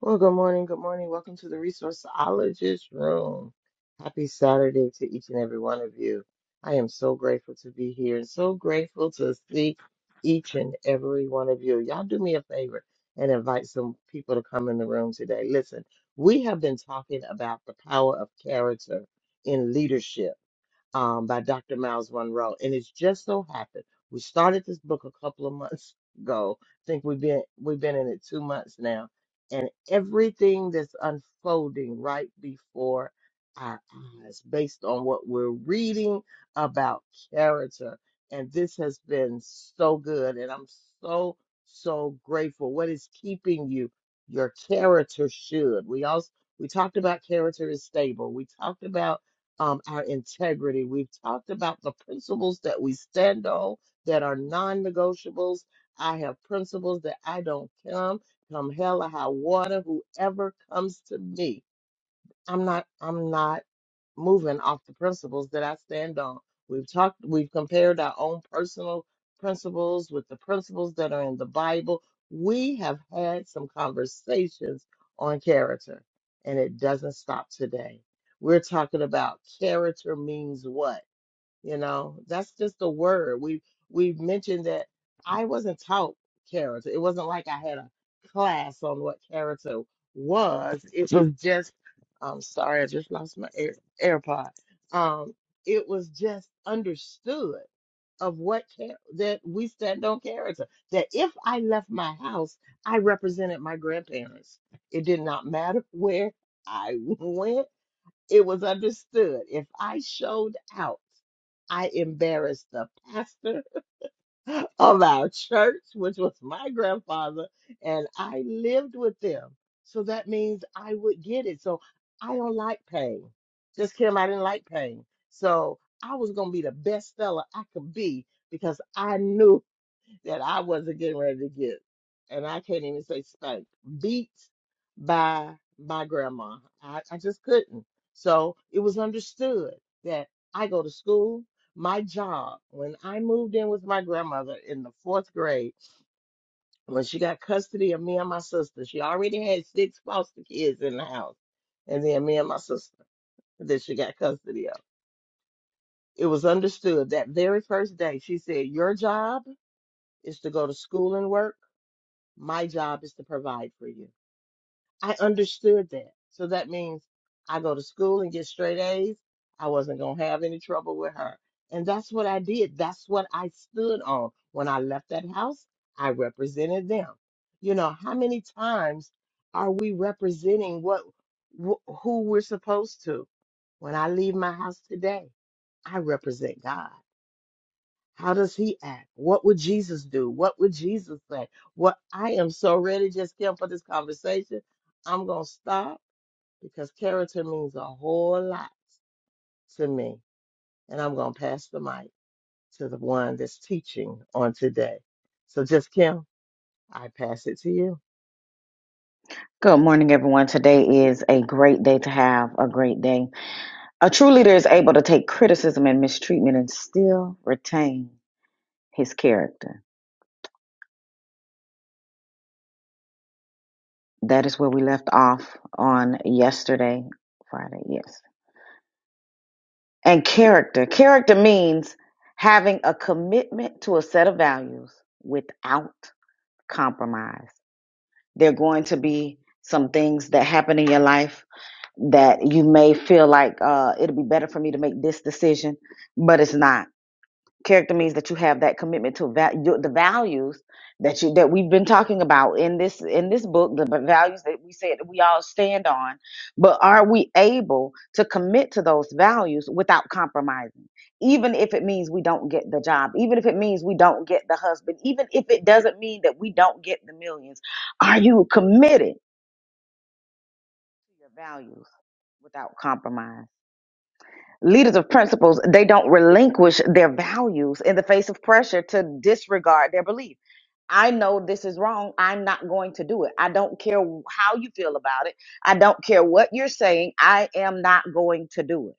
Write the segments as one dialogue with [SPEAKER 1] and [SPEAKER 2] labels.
[SPEAKER 1] Well, good morning. Good morning. Welcome to the Resourceologist Room. Happy Saturday to each and every one of you. I am so grateful to be here and so grateful to see each and every one of you. Y'all do me a favor and invite some people to come in the room today. Listen, we have been talking about the power of character in leadership um, by Dr. Miles Monroe. And it's just so happened we started this book a couple of months ago. I think we've been we've been in it two months now, and everything that's unfolding right before our eyes, based on what we're reading about character, and this has been so good, and I'm so so grateful. What is keeping you? Your character should. We also we talked about character is stable. We talked about um, our integrity. We've talked about the principles that we stand on that are non negotiables. I have principles that I don't come, come hell or high water, whoever comes to me. I'm not, I'm not moving off the principles that I stand on. We've talked, we've compared our own personal principles with the principles that are in the Bible. We have had some conversations on character, and it doesn't stop today. We're talking about character means what? You know, that's just the word. We we mentioned that I wasn't taught character. It wasn't like I had a class on what character was. It was just I'm sorry, I just lost my air, AirPod. Um, it was just understood of what char- that we stand on character. That if I left my house, I represented my grandparents. It did not matter where I went. It was understood. If I showed out. I embarrassed the pastor of our church, which was my grandfather, and I lived with them. So that means I would get it. So I don't like pain. Just Kim, I didn't like pain. So I was going to be the best seller I could be because I knew that I wasn't getting ready to get, and I can't even say spanked, beat by my grandma. I, I just couldn't. So it was understood that I go to school. My job, when I moved in with my grandmother in the fourth grade, when she got custody of me and my sister, she already had six foster kids in the house, and then me and my sister that she got custody of. It was understood that very first day, she said, Your job is to go to school and work My job is to provide for you. I understood that. So that means I go to school and get straight A's. I wasn't going to have any trouble with her. And that's what I did. That's what I stood on. When I left that house, I represented them. You know, how many times are we representing what wh- who we're supposed to? When I leave my house today, I represent God. How does he act? What would Jesus do? What would Jesus say? What I am so ready, just Kim, for this conversation. I'm gonna stop because character means a whole lot to me, and I'm gonna pass the mic to the one that's teaching on today. So, just Kim, I pass it to you.
[SPEAKER 2] Good morning, everyone. Today is a great day to have a great day. A true leader is able to take criticism and mistreatment and still retain his character. That is where we left off on yesterday, Friday, yes. And character. Character means having a commitment to a set of values without compromise. There are going to be some things that happen in your life that you may feel like uh, it'll be better for me to make this decision, but it's not character means that you have that commitment to va- your, the values that you that we've been talking about in this in this book the v- values that we said that we all stand on but are we able to commit to those values without compromising even if it means we don't get the job even if it means we don't get the husband even if it doesn't mean that we don't get the millions are you committed to your values without compromise leaders of principles they don't relinquish their values in the face of pressure to disregard their belief i know this is wrong i'm not going to do it i don't care how you feel about it i don't care what you're saying i am not going to do it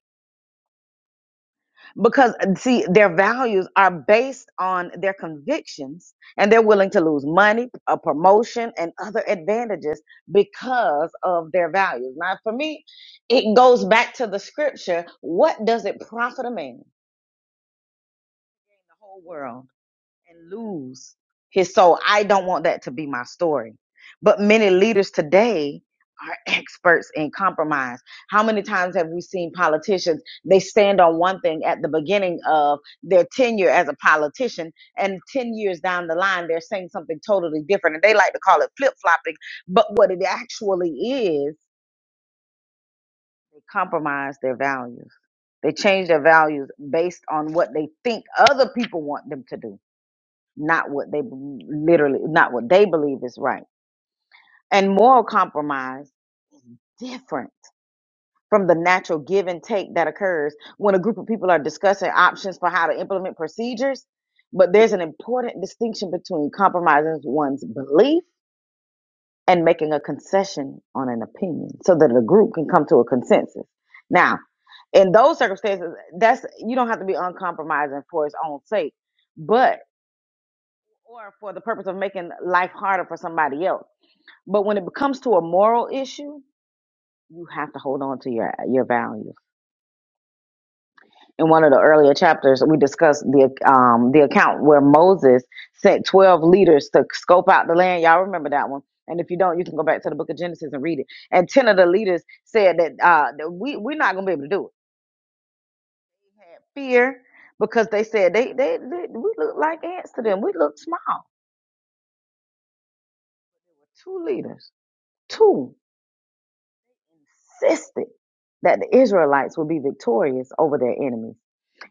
[SPEAKER 2] because see their values are based on their convictions and they're willing to lose money a promotion and other advantages because of their values now for me it goes back to the scripture what does it profit a man whole world and lose his soul. I don't want that to be my story. But many leaders today are experts in compromise. How many times have we seen politicians? They stand on one thing at the beginning of their tenure as a politician, and 10 years down the line, they're saying something totally different. And they like to call it flip flopping. But what it actually is, they compromise their values. They change their values based on what they think other people want them to do not what they b- literally not what they believe is right and moral compromise different from the natural give and take that occurs when a group of people are discussing options for how to implement procedures but there's an important distinction between compromising one's belief and making a concession on an opinion so that the group can come to a consensus now in those circumstances that's you don't have to be uncompromising for its own sake but or for the purpose of making life harder for somebody else But when it becomes to a moral issue, you have to hold on to your your values. In one of the earlier chapters, we discussed the um the account where Moses sent twelve leaders to scope out the land. Y'all remember that one? And if you don't, you can go back to the Book of Genesis and read it. And ten of the leaders said that uh that we we're not gonna be able to do it. Had fear because they said they they, they we look like ants to them. We look small. Two leaders, two insisted that the Israelites would be victorious over their enemies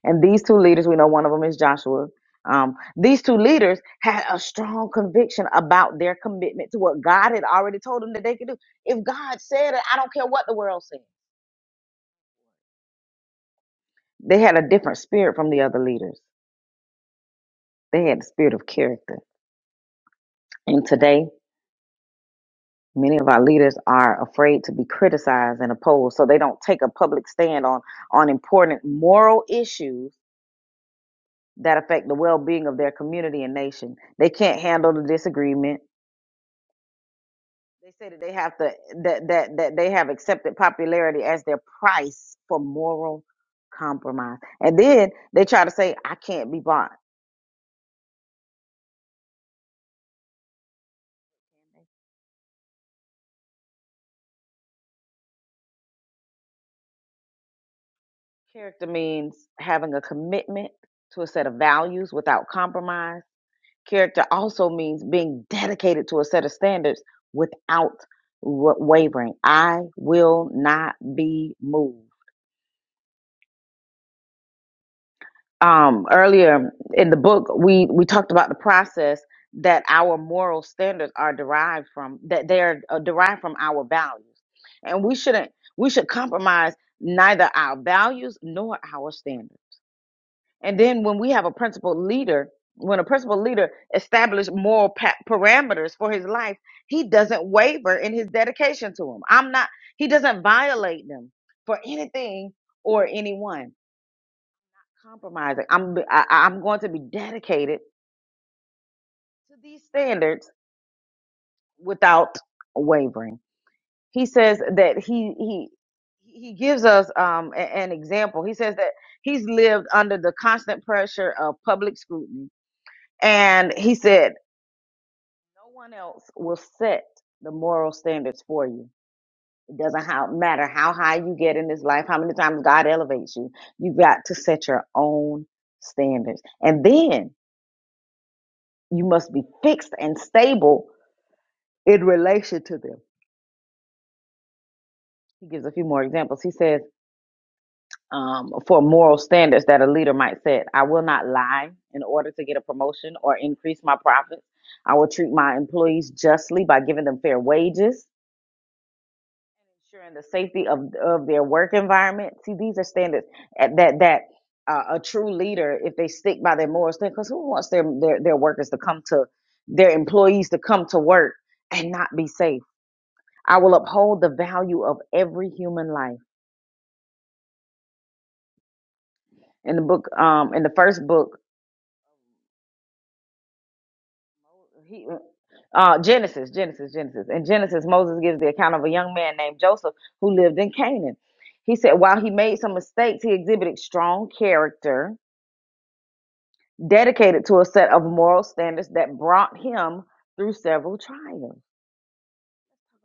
[SPEAKER 2] And these two leaders, we know one of them is Joshua. Um, these two leaders had a strong conviction about their commitment to what God had already told them that they could do. If God said it, I don't care what the world says. They had a different spirit from the other leaders. They had the spirit of character. And today, many of our leaders are afraid to be criticized and opposed, so they don't take a public stand on on important moral issues that affect the well-being of their community and nation. They can't handle the disagreement They say that they have to that that that they have accepted popularity as their price for moral compromise, and then they try to say I can't be bought. Character means having a commitment to a set of values without compromise. Character also means being dedicated to a set of standards without wa- wavering. I will not be moved. um, earlier in the book, we, we talked about the process that our moral standards are derived from, that they are uh, derived from our values. And we shouldn't, we should compromise neither our values nor our standards. And then when we have a principal leader, when a principal leader establishes moral pa- parameters for his life, he doesn't waver in his dedication to them. I'm not, he doesn't violate them for anything or anyone compromising. I'm I, I- am going to be dedicated to these standards without wavering. He says that he he he gives us um a- an example. He says that he's lived under the constant pressure of public scrutiny, and he said no one else will set the moral standards for you. It doesn't how, matter how high you get in this life, how many times God elevates you. You got to set your own standards, and then you must be fixed and stable in relation to them. He gives a few more examples. He says, um, for moral standards that a leader might set, I will not lie in order to get a promotion or increase my profits. I will treat my employees justly by giving them fair wages, ensuring the safety of, of their work environment. See, these are standards at- that that uh, a true leader, if they stick by their moral standards, because who wants their, their their workers to come to their employees to come to work and not be safe? I will uphold the value of every human life in the book um in the first book he uh genesis genesis genesis in genesis moses gives the account of a young man named joseph who lived in canaan he said while he made some mistakes he exhibited strong character dedicated to a set of moral standards that brought him through several trials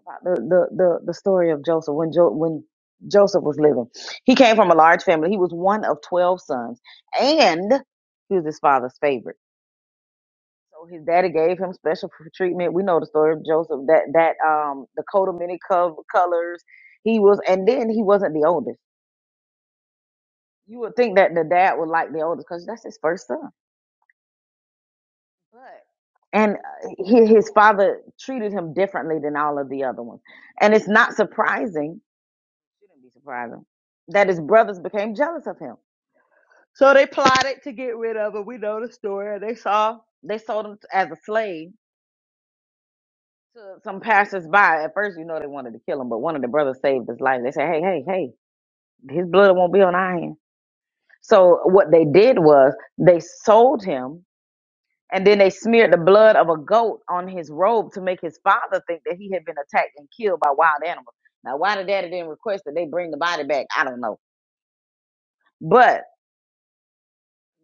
[SPEAKER 2] about the the the, the story of joseph when jo- when joseph was living he came from a large family he was one of 12 sons and he was his father's favorite So his daddy gave him special pr- treatment. We know the story of Joseph. That that um the coat of many co- colors. He was, and then he wasn't the oldest. You would think that the dad would like the oldest because that's his first son. But and uh, he, his father treated him differently than all of the other ones. And it's not surprising, shouldn't be surprising, that his brothers became jealous of him. So they plotted to get rid of him. We know the story. They saw they sold him as a slave to some passersby. At first, you know, they wanted to kill him, but one of the brothers saved his life. They said, "Hey, hey, hey, his blood won't be on our hands." So what they did was they sold him, and then they smeared the blood of a goat on his robe to make his father think that he had been attacked and killed by wild animals. Now, why the daddy didn't request that they bring the body back, I don't know, but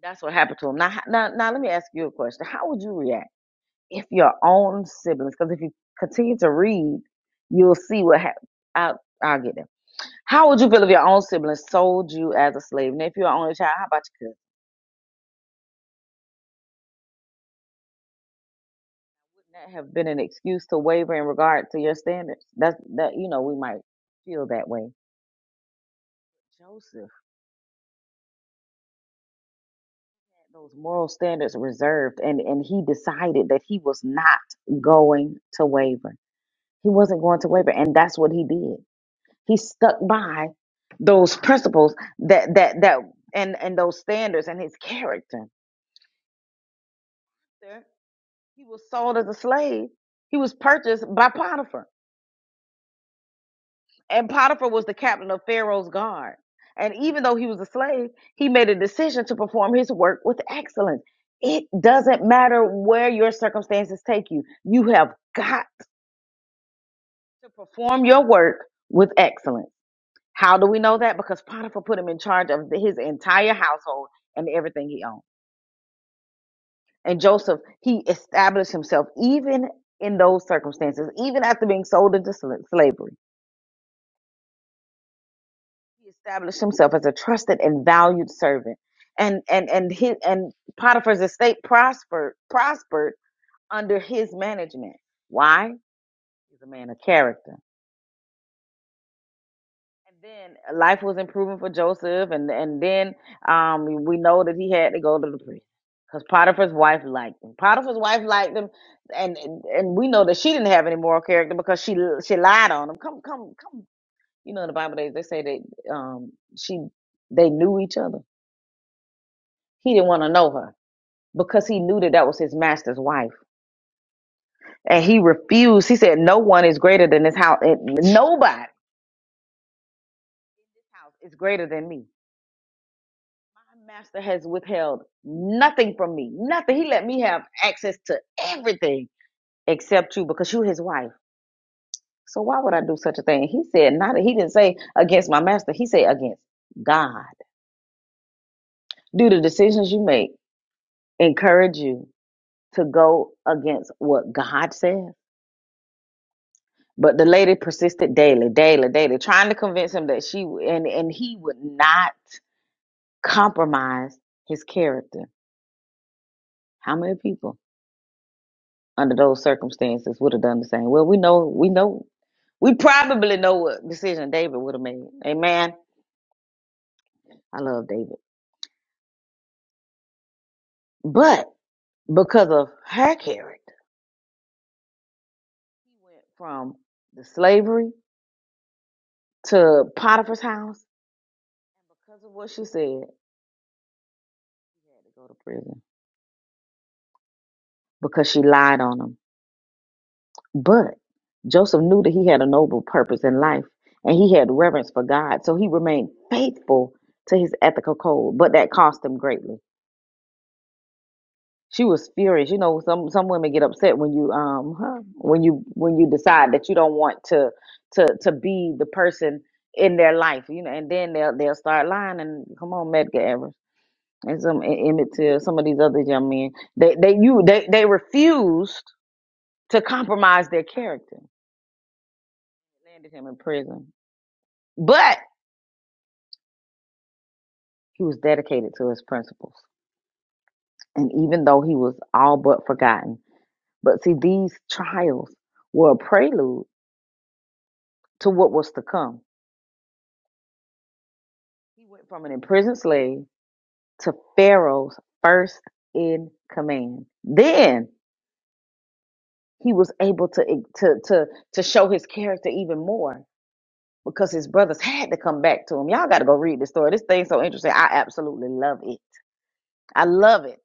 [SPEAKER 2] that's what happened to him. Now, now, now, let me ask you a question: How would you react if your own siblings? Because if you continue to read, you'll see what happened. I'll, I'll get there. How would you feel if your own sibling sold you as a slave? And if you're an only child, how about your cousin? That have been an excuse to waver in regard to your standards. That's that you know we might feel that way. Joseph had those moral standards reserved, and and he decided that he was not going to waver. He wasn't going to waver, and that's what he did. He stuck by those principles that that that and and those standards and his character. He was sold as a slave. He was purchased by Potiphar And Potiphar was the captain of Pharaoh's guard. And even though he was a slave, he made a decision to perform his work with excellence. It doesn't matter where your circumstances take you, you have got to perform your work with excellence. How do we know that? Because Potiphar put him in charge of his entire household and everything he owned. And Joseph, he established himself even in those circumstances, even after being sold into sla- slavery he established himself as a trusted and valued servant and and and his and potiphar's estate prospered prospered under his management why he's a man of character and then uh, life was improving for joseph and and then um we know that he had to go to the priest because potiphar's wife liked him potiphar's wife liked him and, and and we know that she didn't have any moral character because she she lied on him come come come you know in the bible they, they say that um she they knew each other He didn't want to know her because he knew that that was his master's wife. And he refused. He said, No one is greater than this house. It, nobody is greater than me. My master has withheld nothing from me. Nothing. He let me have access to everything except you because you're his wife. So why would I do such a thing? He said, Not, he didn't say against my master. He said, Against God. Do the decisions you make encourage you to go against what God says? But the lady persisted daily, daily, daily, trying to convince him that she and and he would not compromise his character. How many people under those circumstances would have done the same? Well, we know, we know, we probably know what decision David would have made. Amen. I love David, but because of her character, he went from the slavery to Potiphar's house, and because of what she said, he had to go to prison because she lied on him But Joseph knew that he had a noble purpose in life and he had reverence for God. So he remained faithful to his ethical code, but that cost him greatly. She was furious. You know, some some women get upset when you um huh, when you when you decide that you don't want to to to be the person in their life, you know, and then they'll they'll start lying and come on, Medgar Evers and some E- Emmett Till, some of these other young men. They they you they they refused to compromise their character. Landed him in prison But he was dedicated to his principles. And even though he was all but forgotten, but see, these trials were a prelude to what was to come. He went from an imprisoned slave to Pharaoh's first in command. Then he was able to, to, to, to show his character even more because his brothers had to come back to him. Y'all got to go read this story. This thing's so interesting. I absolutely love it. I love it.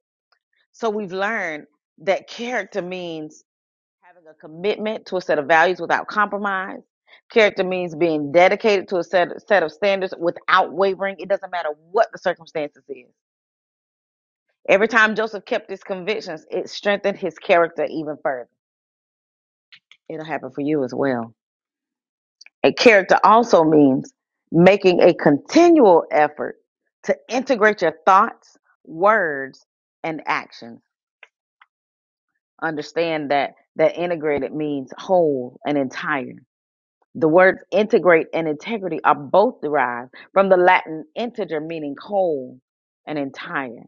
[SPEAKER 2] So we've learned that character means having a commitment to a set of values without compromise. Character means being dedicated to a set, set of standards without wavering. It doesn't matter what the circumstances is. Every time Joseph kept his convictions, it strengthened his character even further. It'll happen for you as well. A character also means making a continual effort to integrate your thoughts, words, and actions. Understand that that integrated means whole and entire. The words integrate and integrity are both derived from the Latin integer, meaning whole and entire.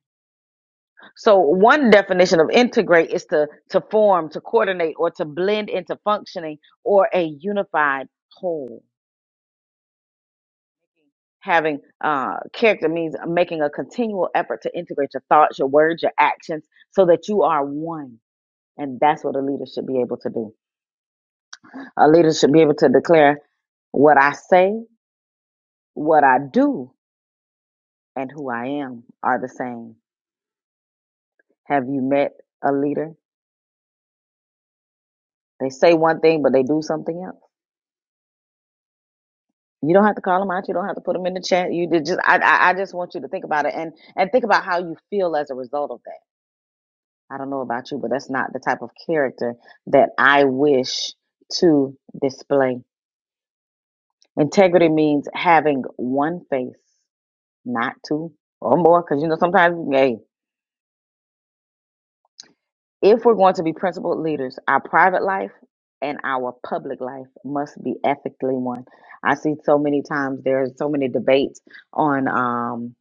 [SPEAKER 2] So, one definition of integrate is to, to form, to coordinate, or to blend into functioning or a unified whole. Having uh, character means making a continual effort to integrate your thoughts, your words, your actions, so that you are one. And that's what a leader should be able to do. A leader should be able to declare what I say, what I do, and who I am are the same. Have you met a leader? They say one thing, but they do something else. You don't have to call them out. You don't have to put them in the chat. You did just, I, I, I just want you to think about it and, and think about how you feel as a result of that. I don't know about you, but that's not the type of character that I wish to display. Integrity means having one face, not two or more. Cause you know, sometimes, hey, If we're going to be principled leaders, our private life and our public life must be ethically one. I see so many times there's so many debates on um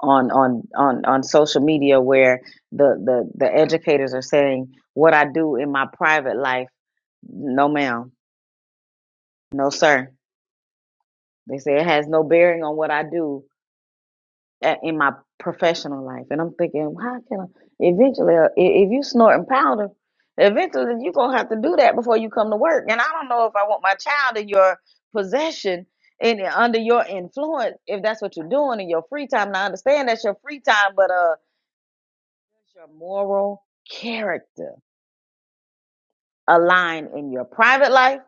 [SPEAKER 2] on on on on social media where the the the educators are saying what I do in my private life no ma'am no sir they say it has no bearing on what I do a- in my professional life, and I'm thinking, well, how can I? Eventually, uh, i- if you snorting powder, eventually you're gonna have to do that before you come to work. And I don't know if I want my child in your possession and under your influence if that's what you're doing in your free time. And I understand that's your free time, but uh, does your moral character align in your private life,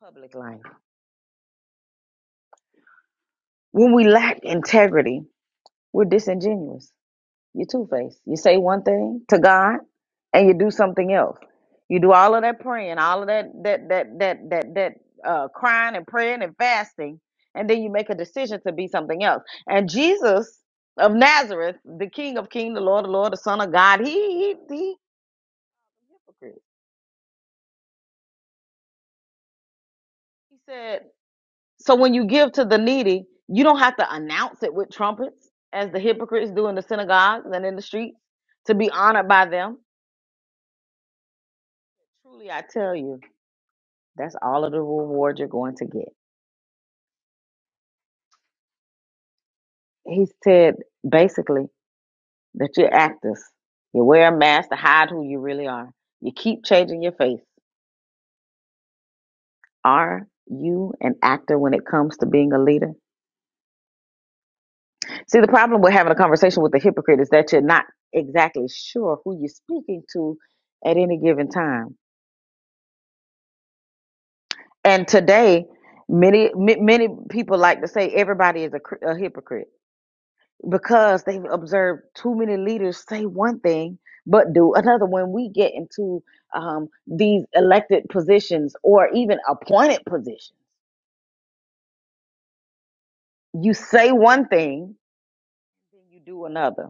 [SPEAKER 2] public life? When we lack integrity, we're disingenuous. You're two faced. You say one thing to God and you do something else. You do all of that praying, all of that that that that that that uh, crying and praying and fasting, and then you make a decision to be something else. And Jesus of Nazareth, the King of Kings, the Lord of Lord, the Son of God, he he he hypocrite. He said, so when you give to the needy, you don't have to announce it with trumpets, as the hypocrites do in the synagogues and in the streets, to be honored by them. Truly, I tell you. That's all of the reward you're going to get. He said basically that you're actors. You wear a mask to hide who you really are. You keep changing your face. Are you an actor when it comes to being a leader? See, the problem with having a conversation with a hypocrite is that you're not exactly sure who you're speaking to at any given time. And today, many ma- many people like to say everybody is a, cr- a hypocrite. because they've observed too many leaders say one thing but do another when we get into um, these elected positions or even appointed positions you say one thing then you do another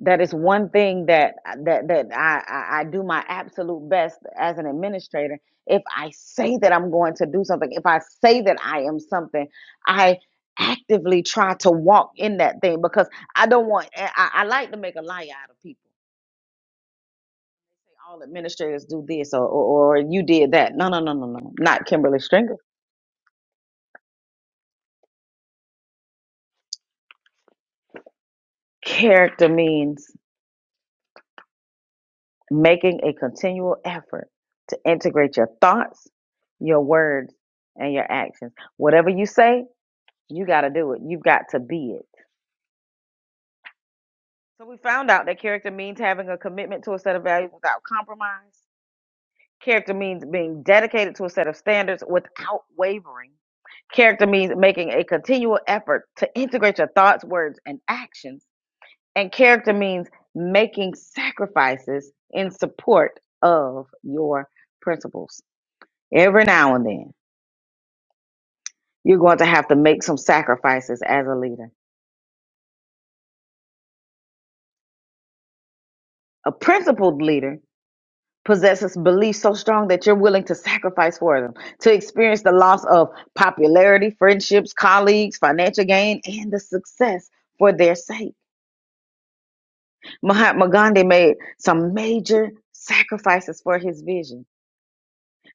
[SPEAKER 2] that is one thing that that that I, I I do my absolute best as an administrator if i say that i'm going to do something if i say that i am something i actively try to walk in that thing because i don't want i, I like to make a lie out of people all administrators do this or, or, or you did that. No, no, no, no, no. Not Kimberly Stringer. Character means making a continual effort to integrate your thoughts, your words, and your actions. Whatever you say, you got to do it. You've got to be it. So we found out that character means having a commitment to a set of values without compromise. Character means being dedicated to a set of standards without wavering. Character means making a continual effort to integrate your thoughts, words, and actions And character means making sacrifices in support of your principles. Every now and then, you're going to have to make some sacrifices as a leader. A principled leader possesses beliefs so strong that you're willing to sacrifice for them, to experience the loss of popularity, friendships, colleagues, financial gain, and the success for their sake. Mahatma Gandhi made some major sacrifices for his vision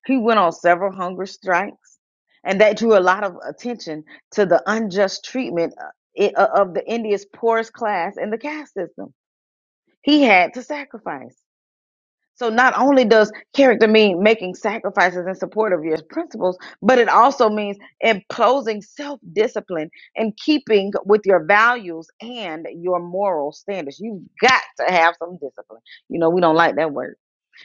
[SPEAKER 2] He went on several hunger strikes, and that drew a lot of attention to the unjust treatment uh, i- uh, of the India's poorest class in the caste system. He had to sacrifice. So not only does character mean making sacrifices in support of your principles, but it also means imposing self-discipline and keeping with your values and your moral standards. You've got to have some discipline. You know, we don't like that word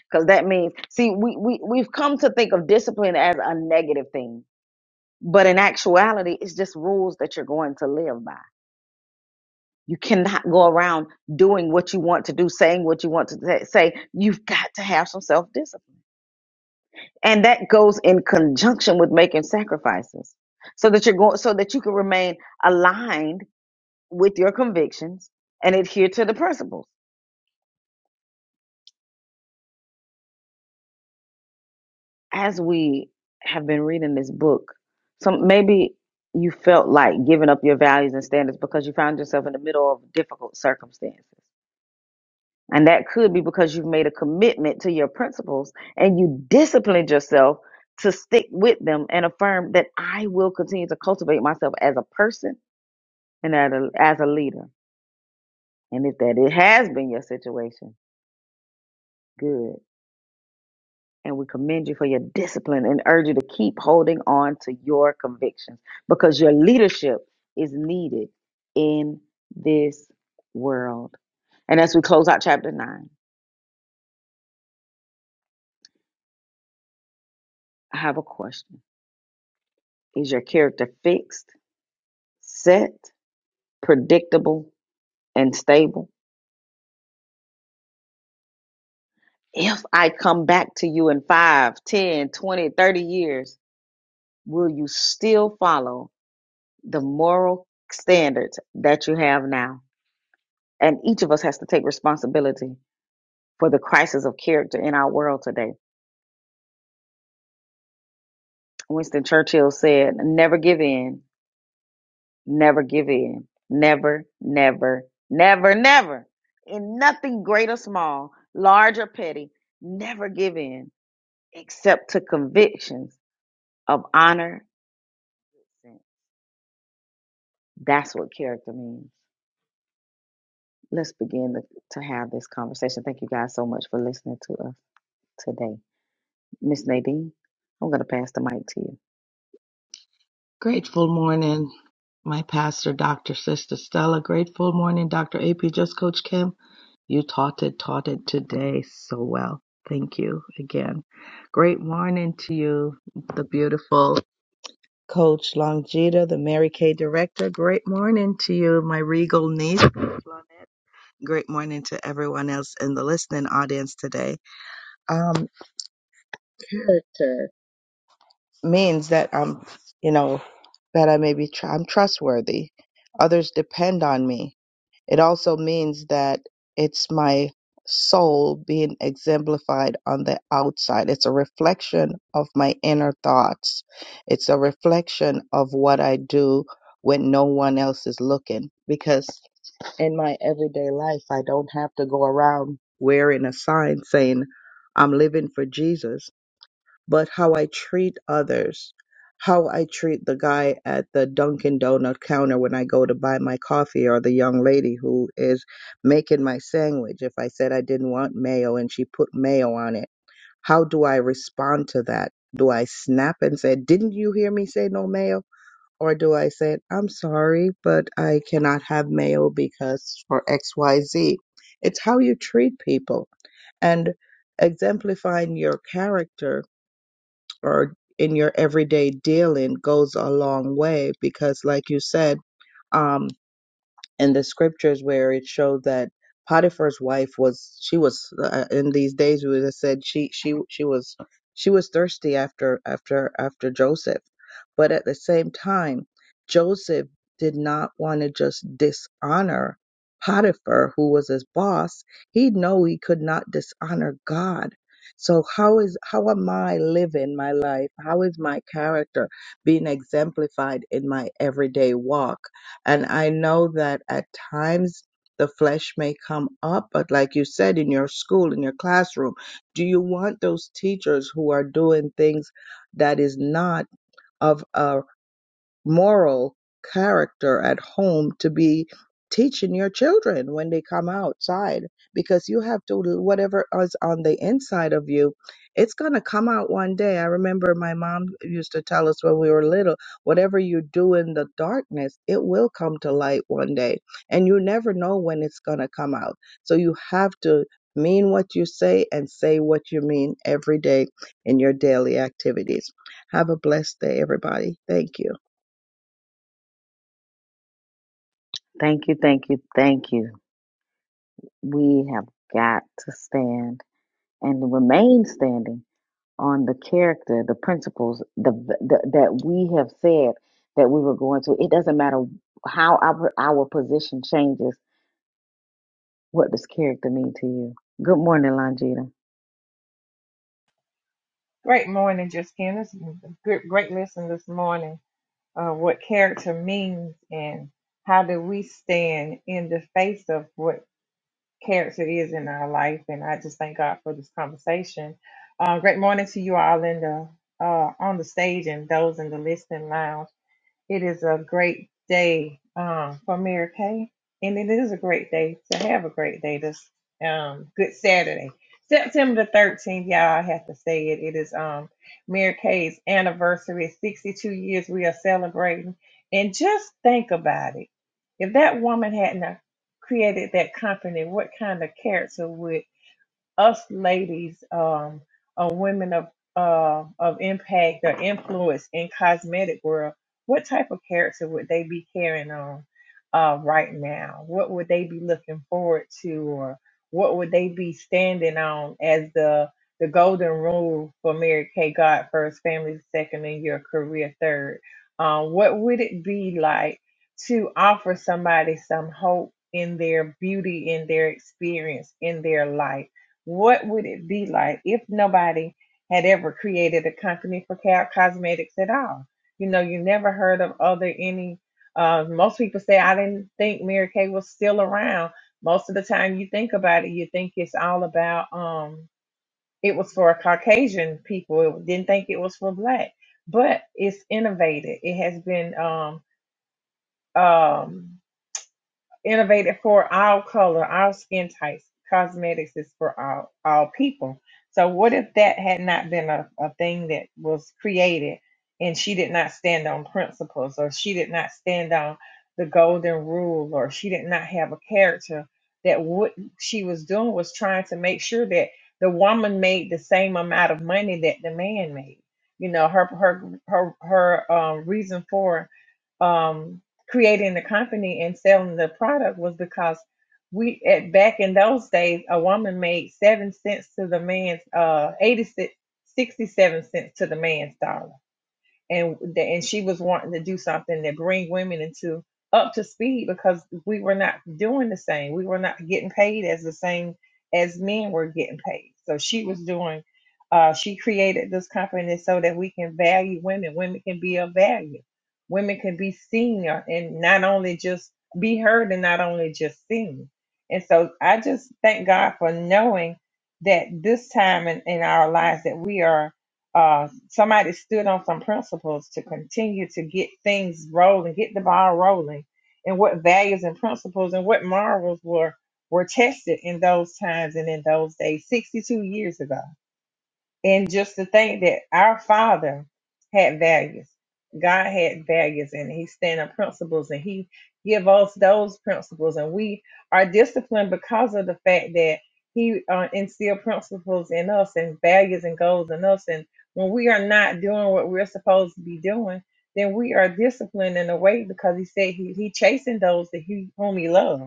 [SPEAKER 2] because that means see we, we we've come to think of discipline as a negative thing but in actuality it's just rules that you're going to live by you cannot go around doing what you want to do saying what you want to sa- say you've got to have some self-discipline and that goes in conjunction with making sacrifices so that you're going so that you can remain aligned with your convictions and adhere to the principles as we have been reading this book, some maybe you felt like giving up your values and standards because you found yourself in the middle of difficult circumstances. And that could be because you've made a commitment to your principles and you disciplined yourself to stick with them and affirm that I will continue to cultivate myself as a person and as a, as a leader. And if that it has been your situation, good. and we commend you for your discipline and urge you to keep holding on to your convictions because your leadership is needed in this world. And as we close out chapter 9, I have a question. Is your character fixed, set, predictable, and stable? If I come back to you in 5, 10, 20, 30 years, will you still follow the moral standards that you have now? And each of us has to take responsibility for the crisis of character in our world today. Winston Churchill said, Never give in, never give in, never, never, never, never. In nothing great or small, large or petty, never give in except to convictions of honor. That's what character means. Let's begin to, to have this conversation. Thank you guys so much for listening to us today. Miss Nadine, I'm going to pass the mic to you.
[SPEAKER 3] Grateful morning, my pastor, Dr. Sister Stella. Grateful morning, Dr. AP. Just Coach Kim, you taught it, taught it today so well. Thank you again. Great morning to you, the beautiful Coach Longita, the Mary Kay director. Great morning to you, my regal niece, Coach Lonette. Great morning to everyone else in the listening audience today. Um, character. means that I'm, you know, that I may be, tr- I'm trustworthy. Others depend on me. It also means that it's my soul being exemplified on the outside. It's a reflection of my inner thoughts. It's a reflection of what I do when no one else is looking. Because in my everyday life, I don't have to go around wearing a sign saying, I'm living for Jesus but how I treat others, how I treat the guy at the Dunkin' Donut counter when I go to buy my coffee, or the young lady who is making my sandwich. If I said I didn't want mayo and she put mayo on it, how do I respond to that? Do I snap and say, Didn't you hear me say no mayo? Or do I say, I'm sorry, but I cannot have mayo because for X, Y, Z." It's how you treat people and exemplifying your character or in your everyday dealing goes a long way because like you said um in the scriptures where it showed that Potiphar's wife was she was uh, in these days we would have said she she she was she was thirsty after after after Joseph, but at the same time Joseph did not want to just dishonor Potiphar who was his boss. He know he could not dishonor God. So how is how am I living my life? How is my character being exemplified in my everyday walk? And I know that at times the flesh may come up, but like you said, in your school, in your classroom, do you want those teachers who are doing things that is not of a moral character at home to be teaching your children when they come outside because you have to whatever is on the inside of you it's going to come out one day i remember my mom used to tell us when we were little whatever you do in the darkness it will come to light one day and you never know when it's going to come out so you have to mean what you say and say what you mean every day in your daily activities have a blessed day everybody thank you
[SPEAKER 2] Thank you, thank you, thank you. we have got to stand and remain standing on the character, the principles the, the, that we have said that we were going to. It doesn't matter how our, our position changes. What does character mean to you? Good morning, Longita.
[SPEAKER 4] Great morning, Justin. It's a good, great lesson this morning. Uh, what character means and how do we stand in the face of what character is in our life. And I just thank God for this conversation. Uh, great morning to you all in the uh, on the stage and those in the listening lounge. It is a great day um, for Mary Kay, and it is a great day to have a great day this um, Good Saturday, September the thirteenth. Y'all, I have to say it. It is um, Mary Kay's anniversary. It's Sixty-two years we are celebrating, and just think about it. If that woman hadn't have created that company, what kind of character would us ladies um, or women of uh, of impact or influence in cosmetic world, what type of character would they be carrying on uh, right now? What would they be looking forward to, or what would they be standing on as the the golden rule for Mary Kay God first, family second, and your career third? Um, what would it be like to offer somebody some hope in their beauty, in their experience, in their life? what would it be like if nobody had ever created a company for co- cosmetics at all? You know, you never heard of other any. Uh, most people say, I didn't think Mary Kay was still around. Most of the time, you think about it, you think it's all about um, it was for Caucasian people. It didn't think it was for black, but it's innovated. It has been um, um, innovated for all color, all skin types. Cosmetics is for all all people. So what if that had not been a, a thing that was created and she did not stand on principles or she did not stand on the golden rule or she did not have a character that what she was doing was trying to make sure that the woman made the same amount of money that the man made. You know, her her her her um reason for um, creating the company and selling the product was because we at back in those days a woman made seven cents to the man's uh 86 sixty-seven cents to the man's dollar and the, and she was wanting to do something to bring women into up to speed because we were not doing the same. We were not getting paid as the same as men were getting paid. So she was doing. Uh, she created this company so that we can value women. Women can be of value. Women can be seen and not only just be heard and not only just seen. And so I just thank God for knowing that this time in, in our lives that we are uh, somebody stood on some principles to continue to get things rolling, get the ball rolling, and what values and principles and what morals were were tested in those times and in those days, 62 years ago. And just to think that our Father had values. God had values and he stand on principles and he give us those principles and we are disciplined because of the fact that he uh, instilled principles in us and values and goals in us and when we are not doing what we're supposed to be doing then we are disciplined in a way because he said he, he chastened those that he whom he loves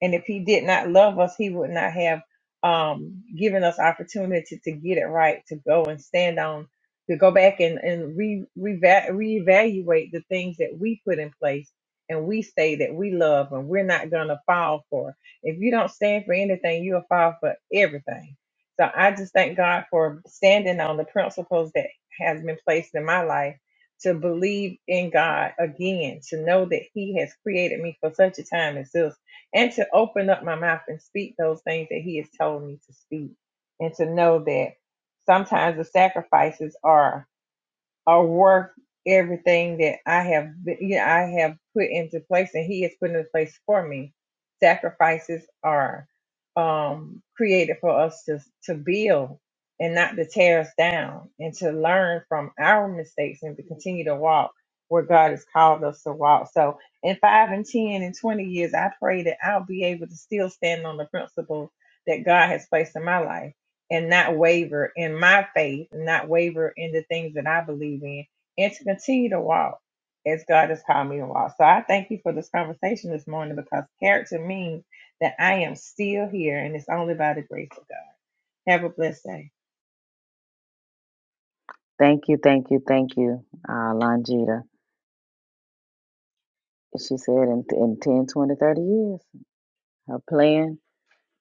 [SPEAKER 4] and if he did not love us, he would not have um, given us opportunity to get it right, to go and stand on, to go back and, and re, reva- reevaluate the things that we put in place and we say that we love and we're not going to fall for. If you don't stand for anything, you'll fall for everything. So I just thank God for standing on the principles that has been placed in my life to believe in God again, to know that He has created me for such a time as this and to open up my mouth and speak those things that he has told me to speak and to know that sometimes the sacrifices are or worth everything that I have, been- you know, I have put into place, and He has put into place for me. Sacrifices are um, created for us to to build and not to tear us down, and to learn from our mistakes and to continue to walk where God has called us to walk. So, in five and ten and twenty years, I pray that I'll be able to still stand on the principles that God has placed in my life and not waver in my faith, and not waver in the things that I believe in, and to continue to walk as God has called me to walk. So I thank you for this conversation this morning because character means that I am still here, and it's only by the grace of God. Have a blessed day.
[SPEAKER 2] Thank you, thank you, thank you, uh, Longita. She said in, in 10, 20, 30 years, her plan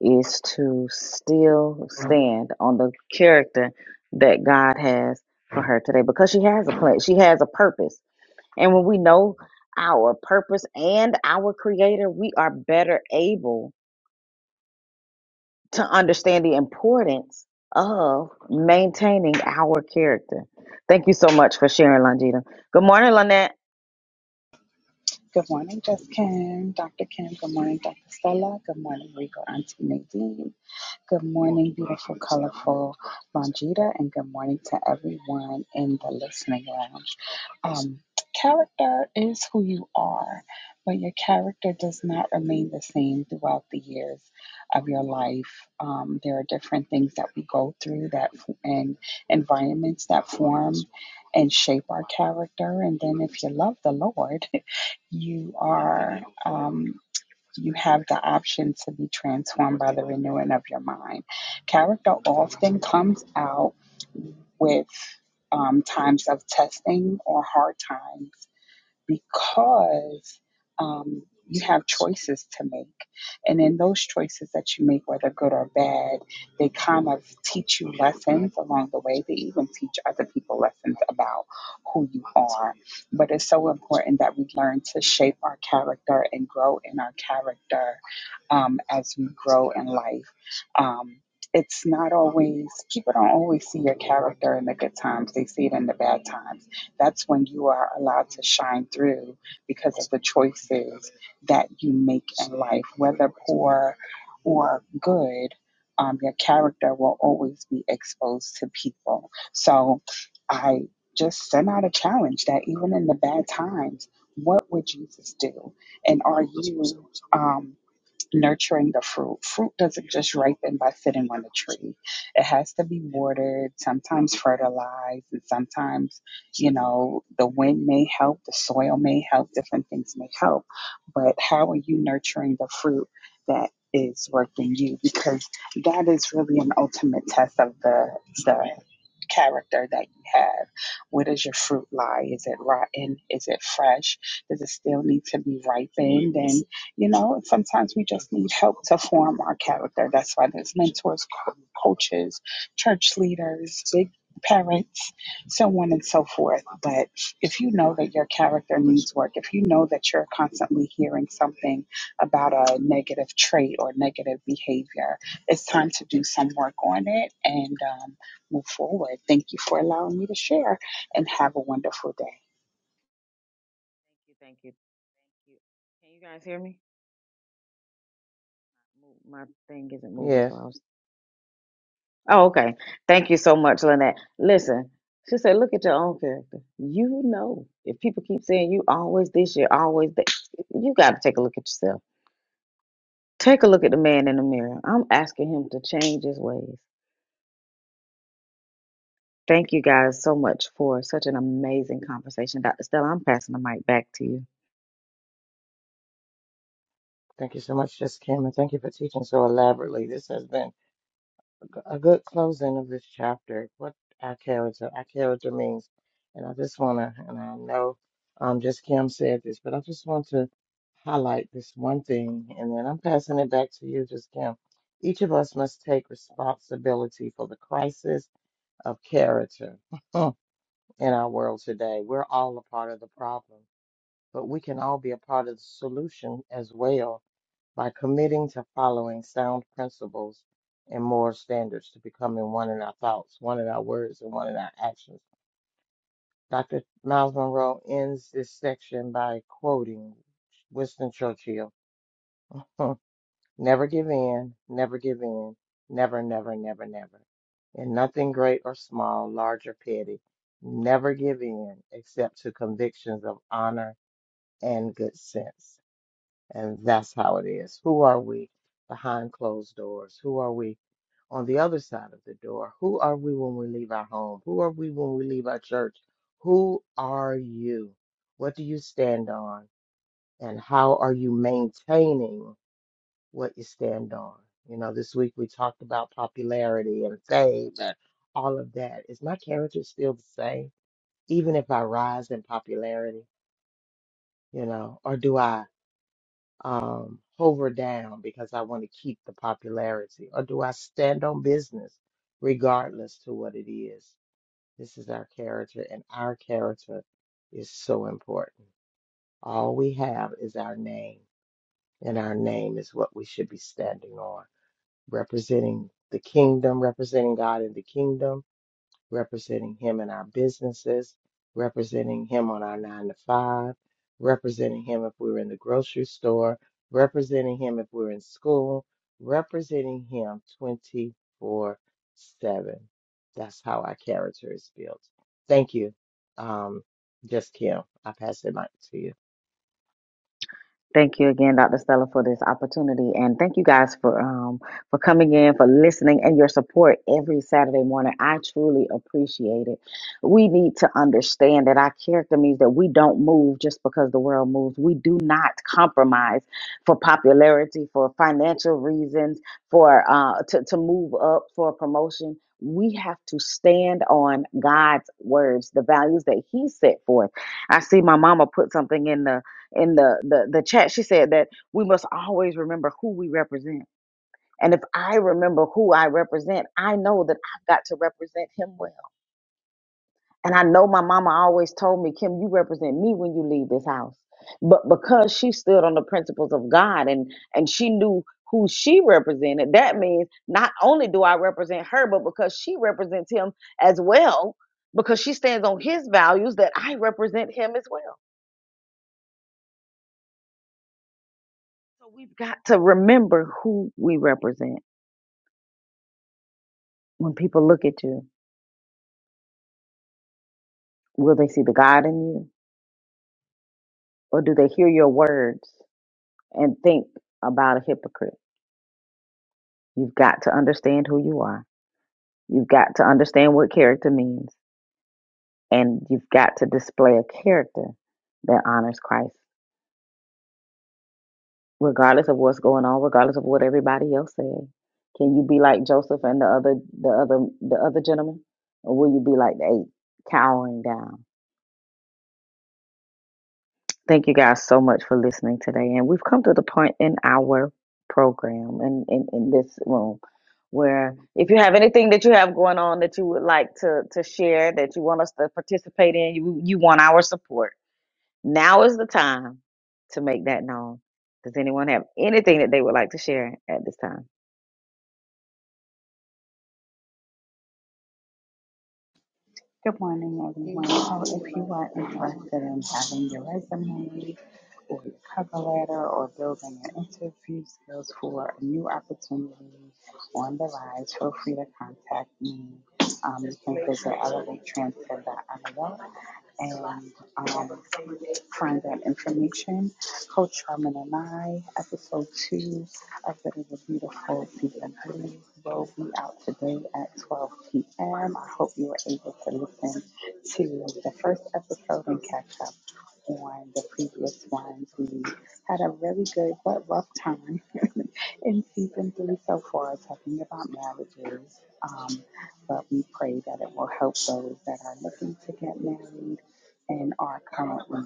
[SPEAKER 2] is to still stand on the character that God has for her today because she has a plan, she has a purpose. And when we know our purpose and our creator, we are better able to understand the importance of maintaining our character. Thank you so much for sharing, Longita. Good morning, Lynette.
[SPEAKER 5] Good morning, Just Kim, Dr. Kim. Good morning, Dr. Stella. Good morning, Regal Auntie Nadine. Good morning, beautiful, colorful Longita. And good morning to everyone in the listening lounge. Um, character is who you are, but your character does not remain the same throughout the years of your life. Um, there are different things that we go through that f- and environments that form and shape our character. And then if you love the Lord, you are um, you have the option to be transformed by the renewing of your mind character often comes out with um, times of testing or hard times because um, you have choices to make. And in those choices that you make, whether good or bad, they kind of teach you lessons along the way. They even teach other people lessons about who you are. But it's so important that we learn to shape our character and grow in our character um, as we grow in life. Um, it's not always, people don't always see your character in the good times, they see it in the bad times that's when you are allowed to shine through because of the choices that you make in life, whether poor or good. Um, your character will always be exposed to people. So I just sent out a challenge that even in the bad times, what would Jesus do? And are you? um, nurturing the fruit. Fruit doesn't just ripen by sitting on the tree. It has to be watered, sometimes fertilized, and sometimes, you know, the wind may help, the soil may help, different things may help. But how are you nurturing the fruit that is working you? Because that is really an ultimate test of the the character that you have. Where does your fruit lie? Is it rotten? Is it fresh? Does it still need to be ripened? And, you know, sometimes we just need help to form our character. That's why there's mentors, co- coaches, church leaders, big parents, so on and so forth. But if you know that your character needs work, if you know that you're constantly hearing something about a negative trait or negative behavior, it's time to do some work on it and, um, move forward. Thank you for allowing me to share and have a wonderful day.
[SPEAKER 2] Thank you, thank you, thank you. Can you guys hear me? Mo- My thing isn't moving, so
[SPEAKER 1] Yes,
[SPEAKER 2] I was Oh, okay. Thank you so much, Lynette. Listen, she said, look at your own character. You know, if people keep saying you always this, you always that, you got to take a look at yourself. Take a look at the man in the mirror. I'm asking him to change his ways. Thank you guys so much for such an amazing conversation. Dr. Stella, I'm passing the mic back to you.
[SPEAKER 1] thank you so much, just Kim, and thank you for teaching so elaborately. This has been a good closing of this chapter. What our character, our character means, and I just want to, and I know, um, just Kim said this, but I just want to highlight this one thing, and then I'm passing it back to you, just Kim. Each of us must take responsibility for the crisis of character in our world today. We're all a part of the problem, but we can all be a part of the solution as well by committing to following sound principles and moral standards to becoming one in our thoughts, one in our words, and one in our actions. Dr. Miles Monroe ends this section by quoting Winston Churchill Hmm. Never give in, never give in, never, never, never, never. In nothing great or small, large or petty, never give in except to convictions of honor and good sense. And that's how it is. Who are we behind closed doors? Who are we on the other side of the door? Who are we when we leave our home? Who are we when we leave our church? Who are you? What do you stand on? And how are you maintaining what you stand on? You know, this week we talked about popularity and fame and all of that. Is my character still the same, even if I rise in popularity? You know, or do I? um, hover down because I want to keep the popularity? Or do I stand on business regardless to what it is? This is our character, and our character is so important. All we have is our name, and our name is what we should be standing on, representing the kingdom, representing God in the kingdom representing him in our businesses, representing him on our nine to five, representing him if we're in the grocery store, representing him if we're in school, representing him 24 7. That's how our character is built. Thank you. Um, just Kim, I pass the mic to you.
[SPEAKER 2] Thank you again, Dr. Stella, for this opportunity, and thank you guys for um for coming in, for listening, and your support every Saturday morning. I truly appreciate it. We need to understand that our character means that we don't move just because the world moves. We do not compromise for popularity, for financial reasons, for uh to to move up for a promotion. We have to stand on God's words, the values that He set forth. I see my mama put something in the in the, the the chat she said that we must always remember who we represent and if i remember who i represent i know that i've got to represent him well and i know my mama always told me kim you represent me when you leave this house but because she stood on the principles of god and and she knew who she represented that means not only do i represent her but because she represents him as well because she stands on his values that i represent him as well so we've got to remember who we represent when people look at you, will they see the God in you? Or do they hear your words and think about a hypocrite? You've got to understand who you are. You've got to understand what character means. And you've got to display a character that honors Christ, regardless of what's going on, regardless of what everybody else says. Can you be like Joseph and the other the other the other gentleman? Or will you be like the eight cowering down? Thank you guys so much for listening today. And we've come to the point in our program and in, in, this room where if you have anything that you have going on that you would like to, to share, that you want us to participate in, you, you want our support. Now is the time to make that known. Does anyone have anything that they would like to share at this time?
[SPEAKER 5] Good morning, everyone. So, if you are interested in having your resume or your cover letter or building your interview skills for a new opportunity on the rise, feel free to contact me. Um, you can visit Elevate elevatetransfer.io and um, find that information. Coach Sharman and I, episode two of Better the Beautiful season three, will be out today at 12 p.m. I hope you were able to listen to the first episode and catch up on the previous ones. We had a really good but rough time in season three so far, talking about marriages. Um, but we pray that it will help those that are looking to get married and are currently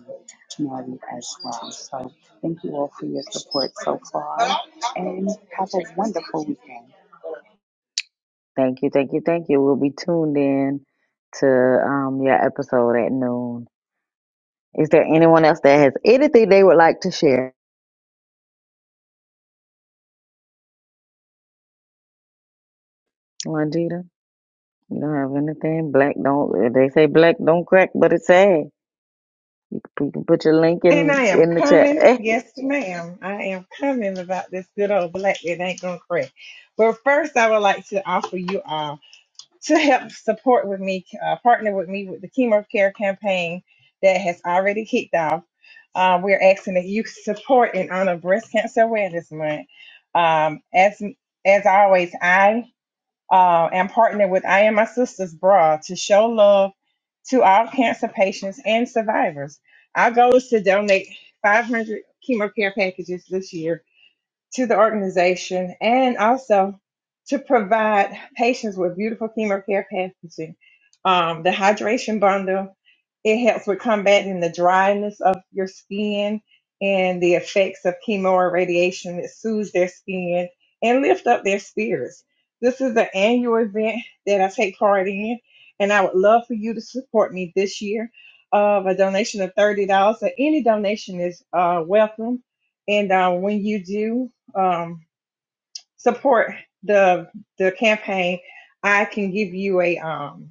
[SPEAKER 5] married as well. So thank you all for your support so far and have a wonderful weekend.
[SPEAKER 2] Thank you, thank you, thank you. We'll be tuned in to um, your episode at noon. Is there anyone else that has anything they would like to share? Longita, you don't have anything. Black don't. They say black don't crack, but it's sad. You can put your link
[SPEAKER 4] And I
[SPEAKER 2] in
[SPEAKER 4] am
[SPEAKER 2] in the chat.
[SPEAKER 4] coming,
[SPEAKER 2] Eh,
[SPEAKER 4] yes, ma'am. I am coming about this good old black that ain't gonna crack. But first, I would like to offer you all. to help support with me, uh, partner with me with the chemo care campaign that has already kicked off. Uh, we're asking that you support in honor of Breast Cancer Awareness Month. Um, as as always, I uh, am partnered with I and my sisters bra to show love to all cancer patients and survivors. Our goal is to donate 500 chemo care packages this year to the organization and also to provide patients with beautiful chemo care packaging. Um, the hydration bundle, it helps with combating the dryness of your skin and the effects of chemo or radiation. It soothes their skin and lift up their spirits. This is an annual event that I take part in, and I would love for you to support me this year of a donation of $30. So any donation is uh, welcome. And uh, when you do, um, support the the campaign, I can give you a um,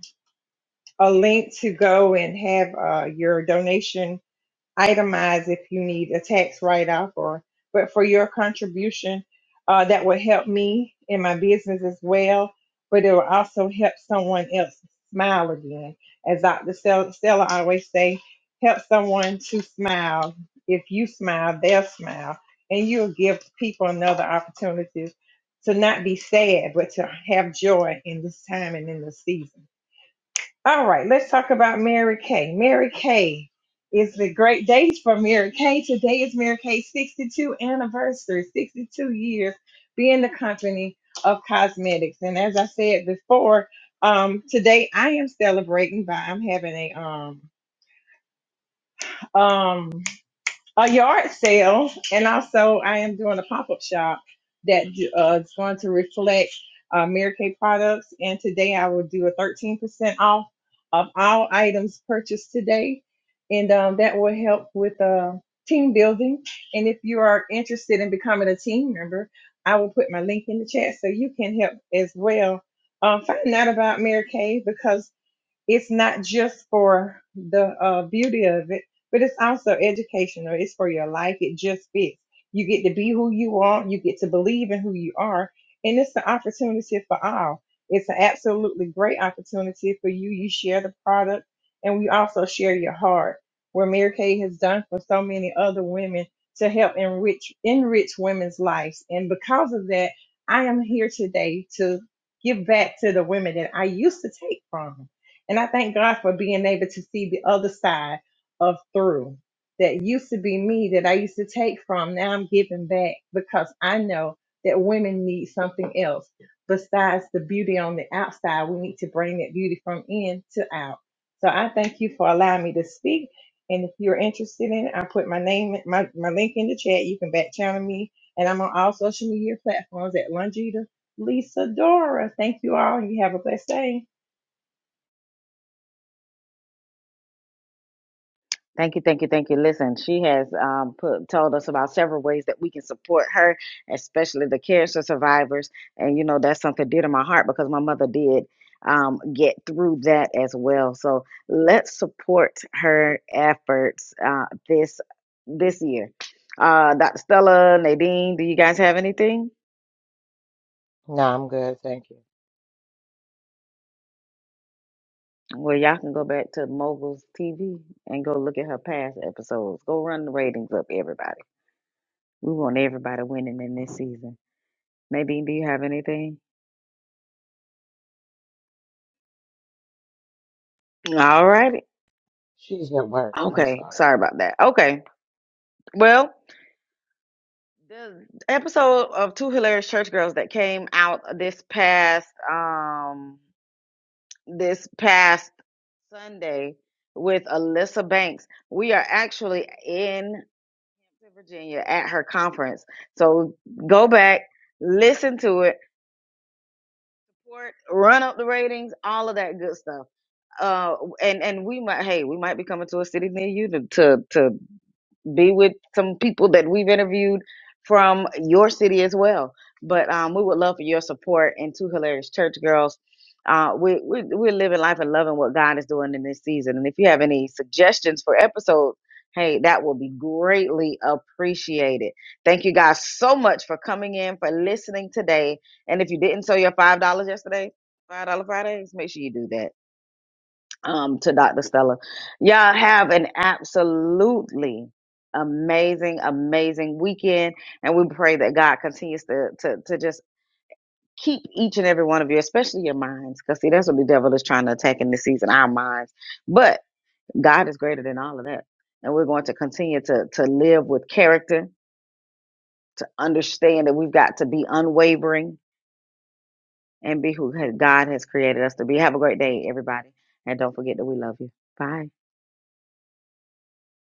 [SPEAKER 4] a link to go and have uh, your donation itemize if you need a tax write-off or but for your contribution uh, that would help me in my business as well but it will also help someone else smile again as dr stella, stella always say help someone to smile if you smile they'll smile and you'll give people another opportunity to not be sad but to have joy in this time and in this season all right, let's talk about Mary Kay. Mary Kay is the great days for Mary Kay. Today is Mary Kay's 62 anniversary, 62 years being the company of cosmetics. And as I said before, um, today I am celebrating by I'm having a um, um a yard sale, and also I am doing a pop up shop that uh, is going to reflect uh, Mary Kay products. And today I will do a 13% off of all items purchased today, and um, that will help with uh, team building. And if you are interested in becoming a team member, I will put my link in the chat so you can help as well. Uh, find out about Mary Kay because it's not just for the uh, beauty of it, but it's also educational. It's for your life. It just fits. You get to be who you are. You get to believe in who you are, and it's an opportunity for all. It's an absolutely great opportunity for you. You share the product, and we also share your heart, where Mary Kay has done for so many other women to help enrich enrich women's lives. And because of that, I am here today to give back to the women that I used to take from and I thank God for being able to see the other side of through that used to be me that I used to take from. Now I'm giving back because I know that women need something else besides the beauty on the outside. We need to bring that beauty from in to out. So I thank you for allowing me to speak. And if you're interested in it, I put my name, my, my link in the chat. You can back channel me. And I'm on all social media platforms at Longita Lisa Dora. Thank you all. and You have a blessed day.
[SPEAKER 2] thank you, thank you, thank you. Listen, she has um, put, told us about several ways that we can support her, especially the cancer survivors. And you know that's something dear to my heart because my mother did um, get through that as well. So let's support her efforts uh, this this year. Uh, Dr. Stella, Nadine, do you guys have anything?
[SPEAKER 1] No, I'm good. Thank you.
[SPEAKER 2] Well, y'all can go back to Moguls TV and go look at her past episodes. Go run the ratings up, everybody. We want everybody winning in this season. Nadine, do you have anything? All righty.
[SPEAKER 1] She's at work. I'm
[SPEAKER 2] Okay.
[SPEAKER 1] sorry.
[SPEAKER 2] Sorry about that. Okay. Well, the episode of Two Hilarious Church Girls that came out this past um this past Sunday with Alyssa Banks. We are actually in Virginia at her conference. So go back, listen to it, run up the ratings, all of that good stuff. uh and and we might hey we might be coming to a city near you to to, to be with some people that we've interviewed from your city as well but um we would love for your support and two hilarious church girls uh we, we we're living life and loving what god is doing in this season and if you have any suggestions for episodes hey that will be greatly appreciated thank you guys so much for coming in for listening today and if you didn't sell your five dollars yesterday five dollar fridays make sure you do that um, to Dr. Stella. Y'all have an absolutely amazing, amazing weekend. And we pray that God continues to, to, to just keep each and every one of you, especially your minds. Because, see, that's what the devil is trying to attack in this season, our minds. But God is greater than all of that. And we're going to continue to, to live with character, to understand that we've got to be unwavering and be who God has created us to be. Have a great day, everybody. And don't forget that we love you. Bye.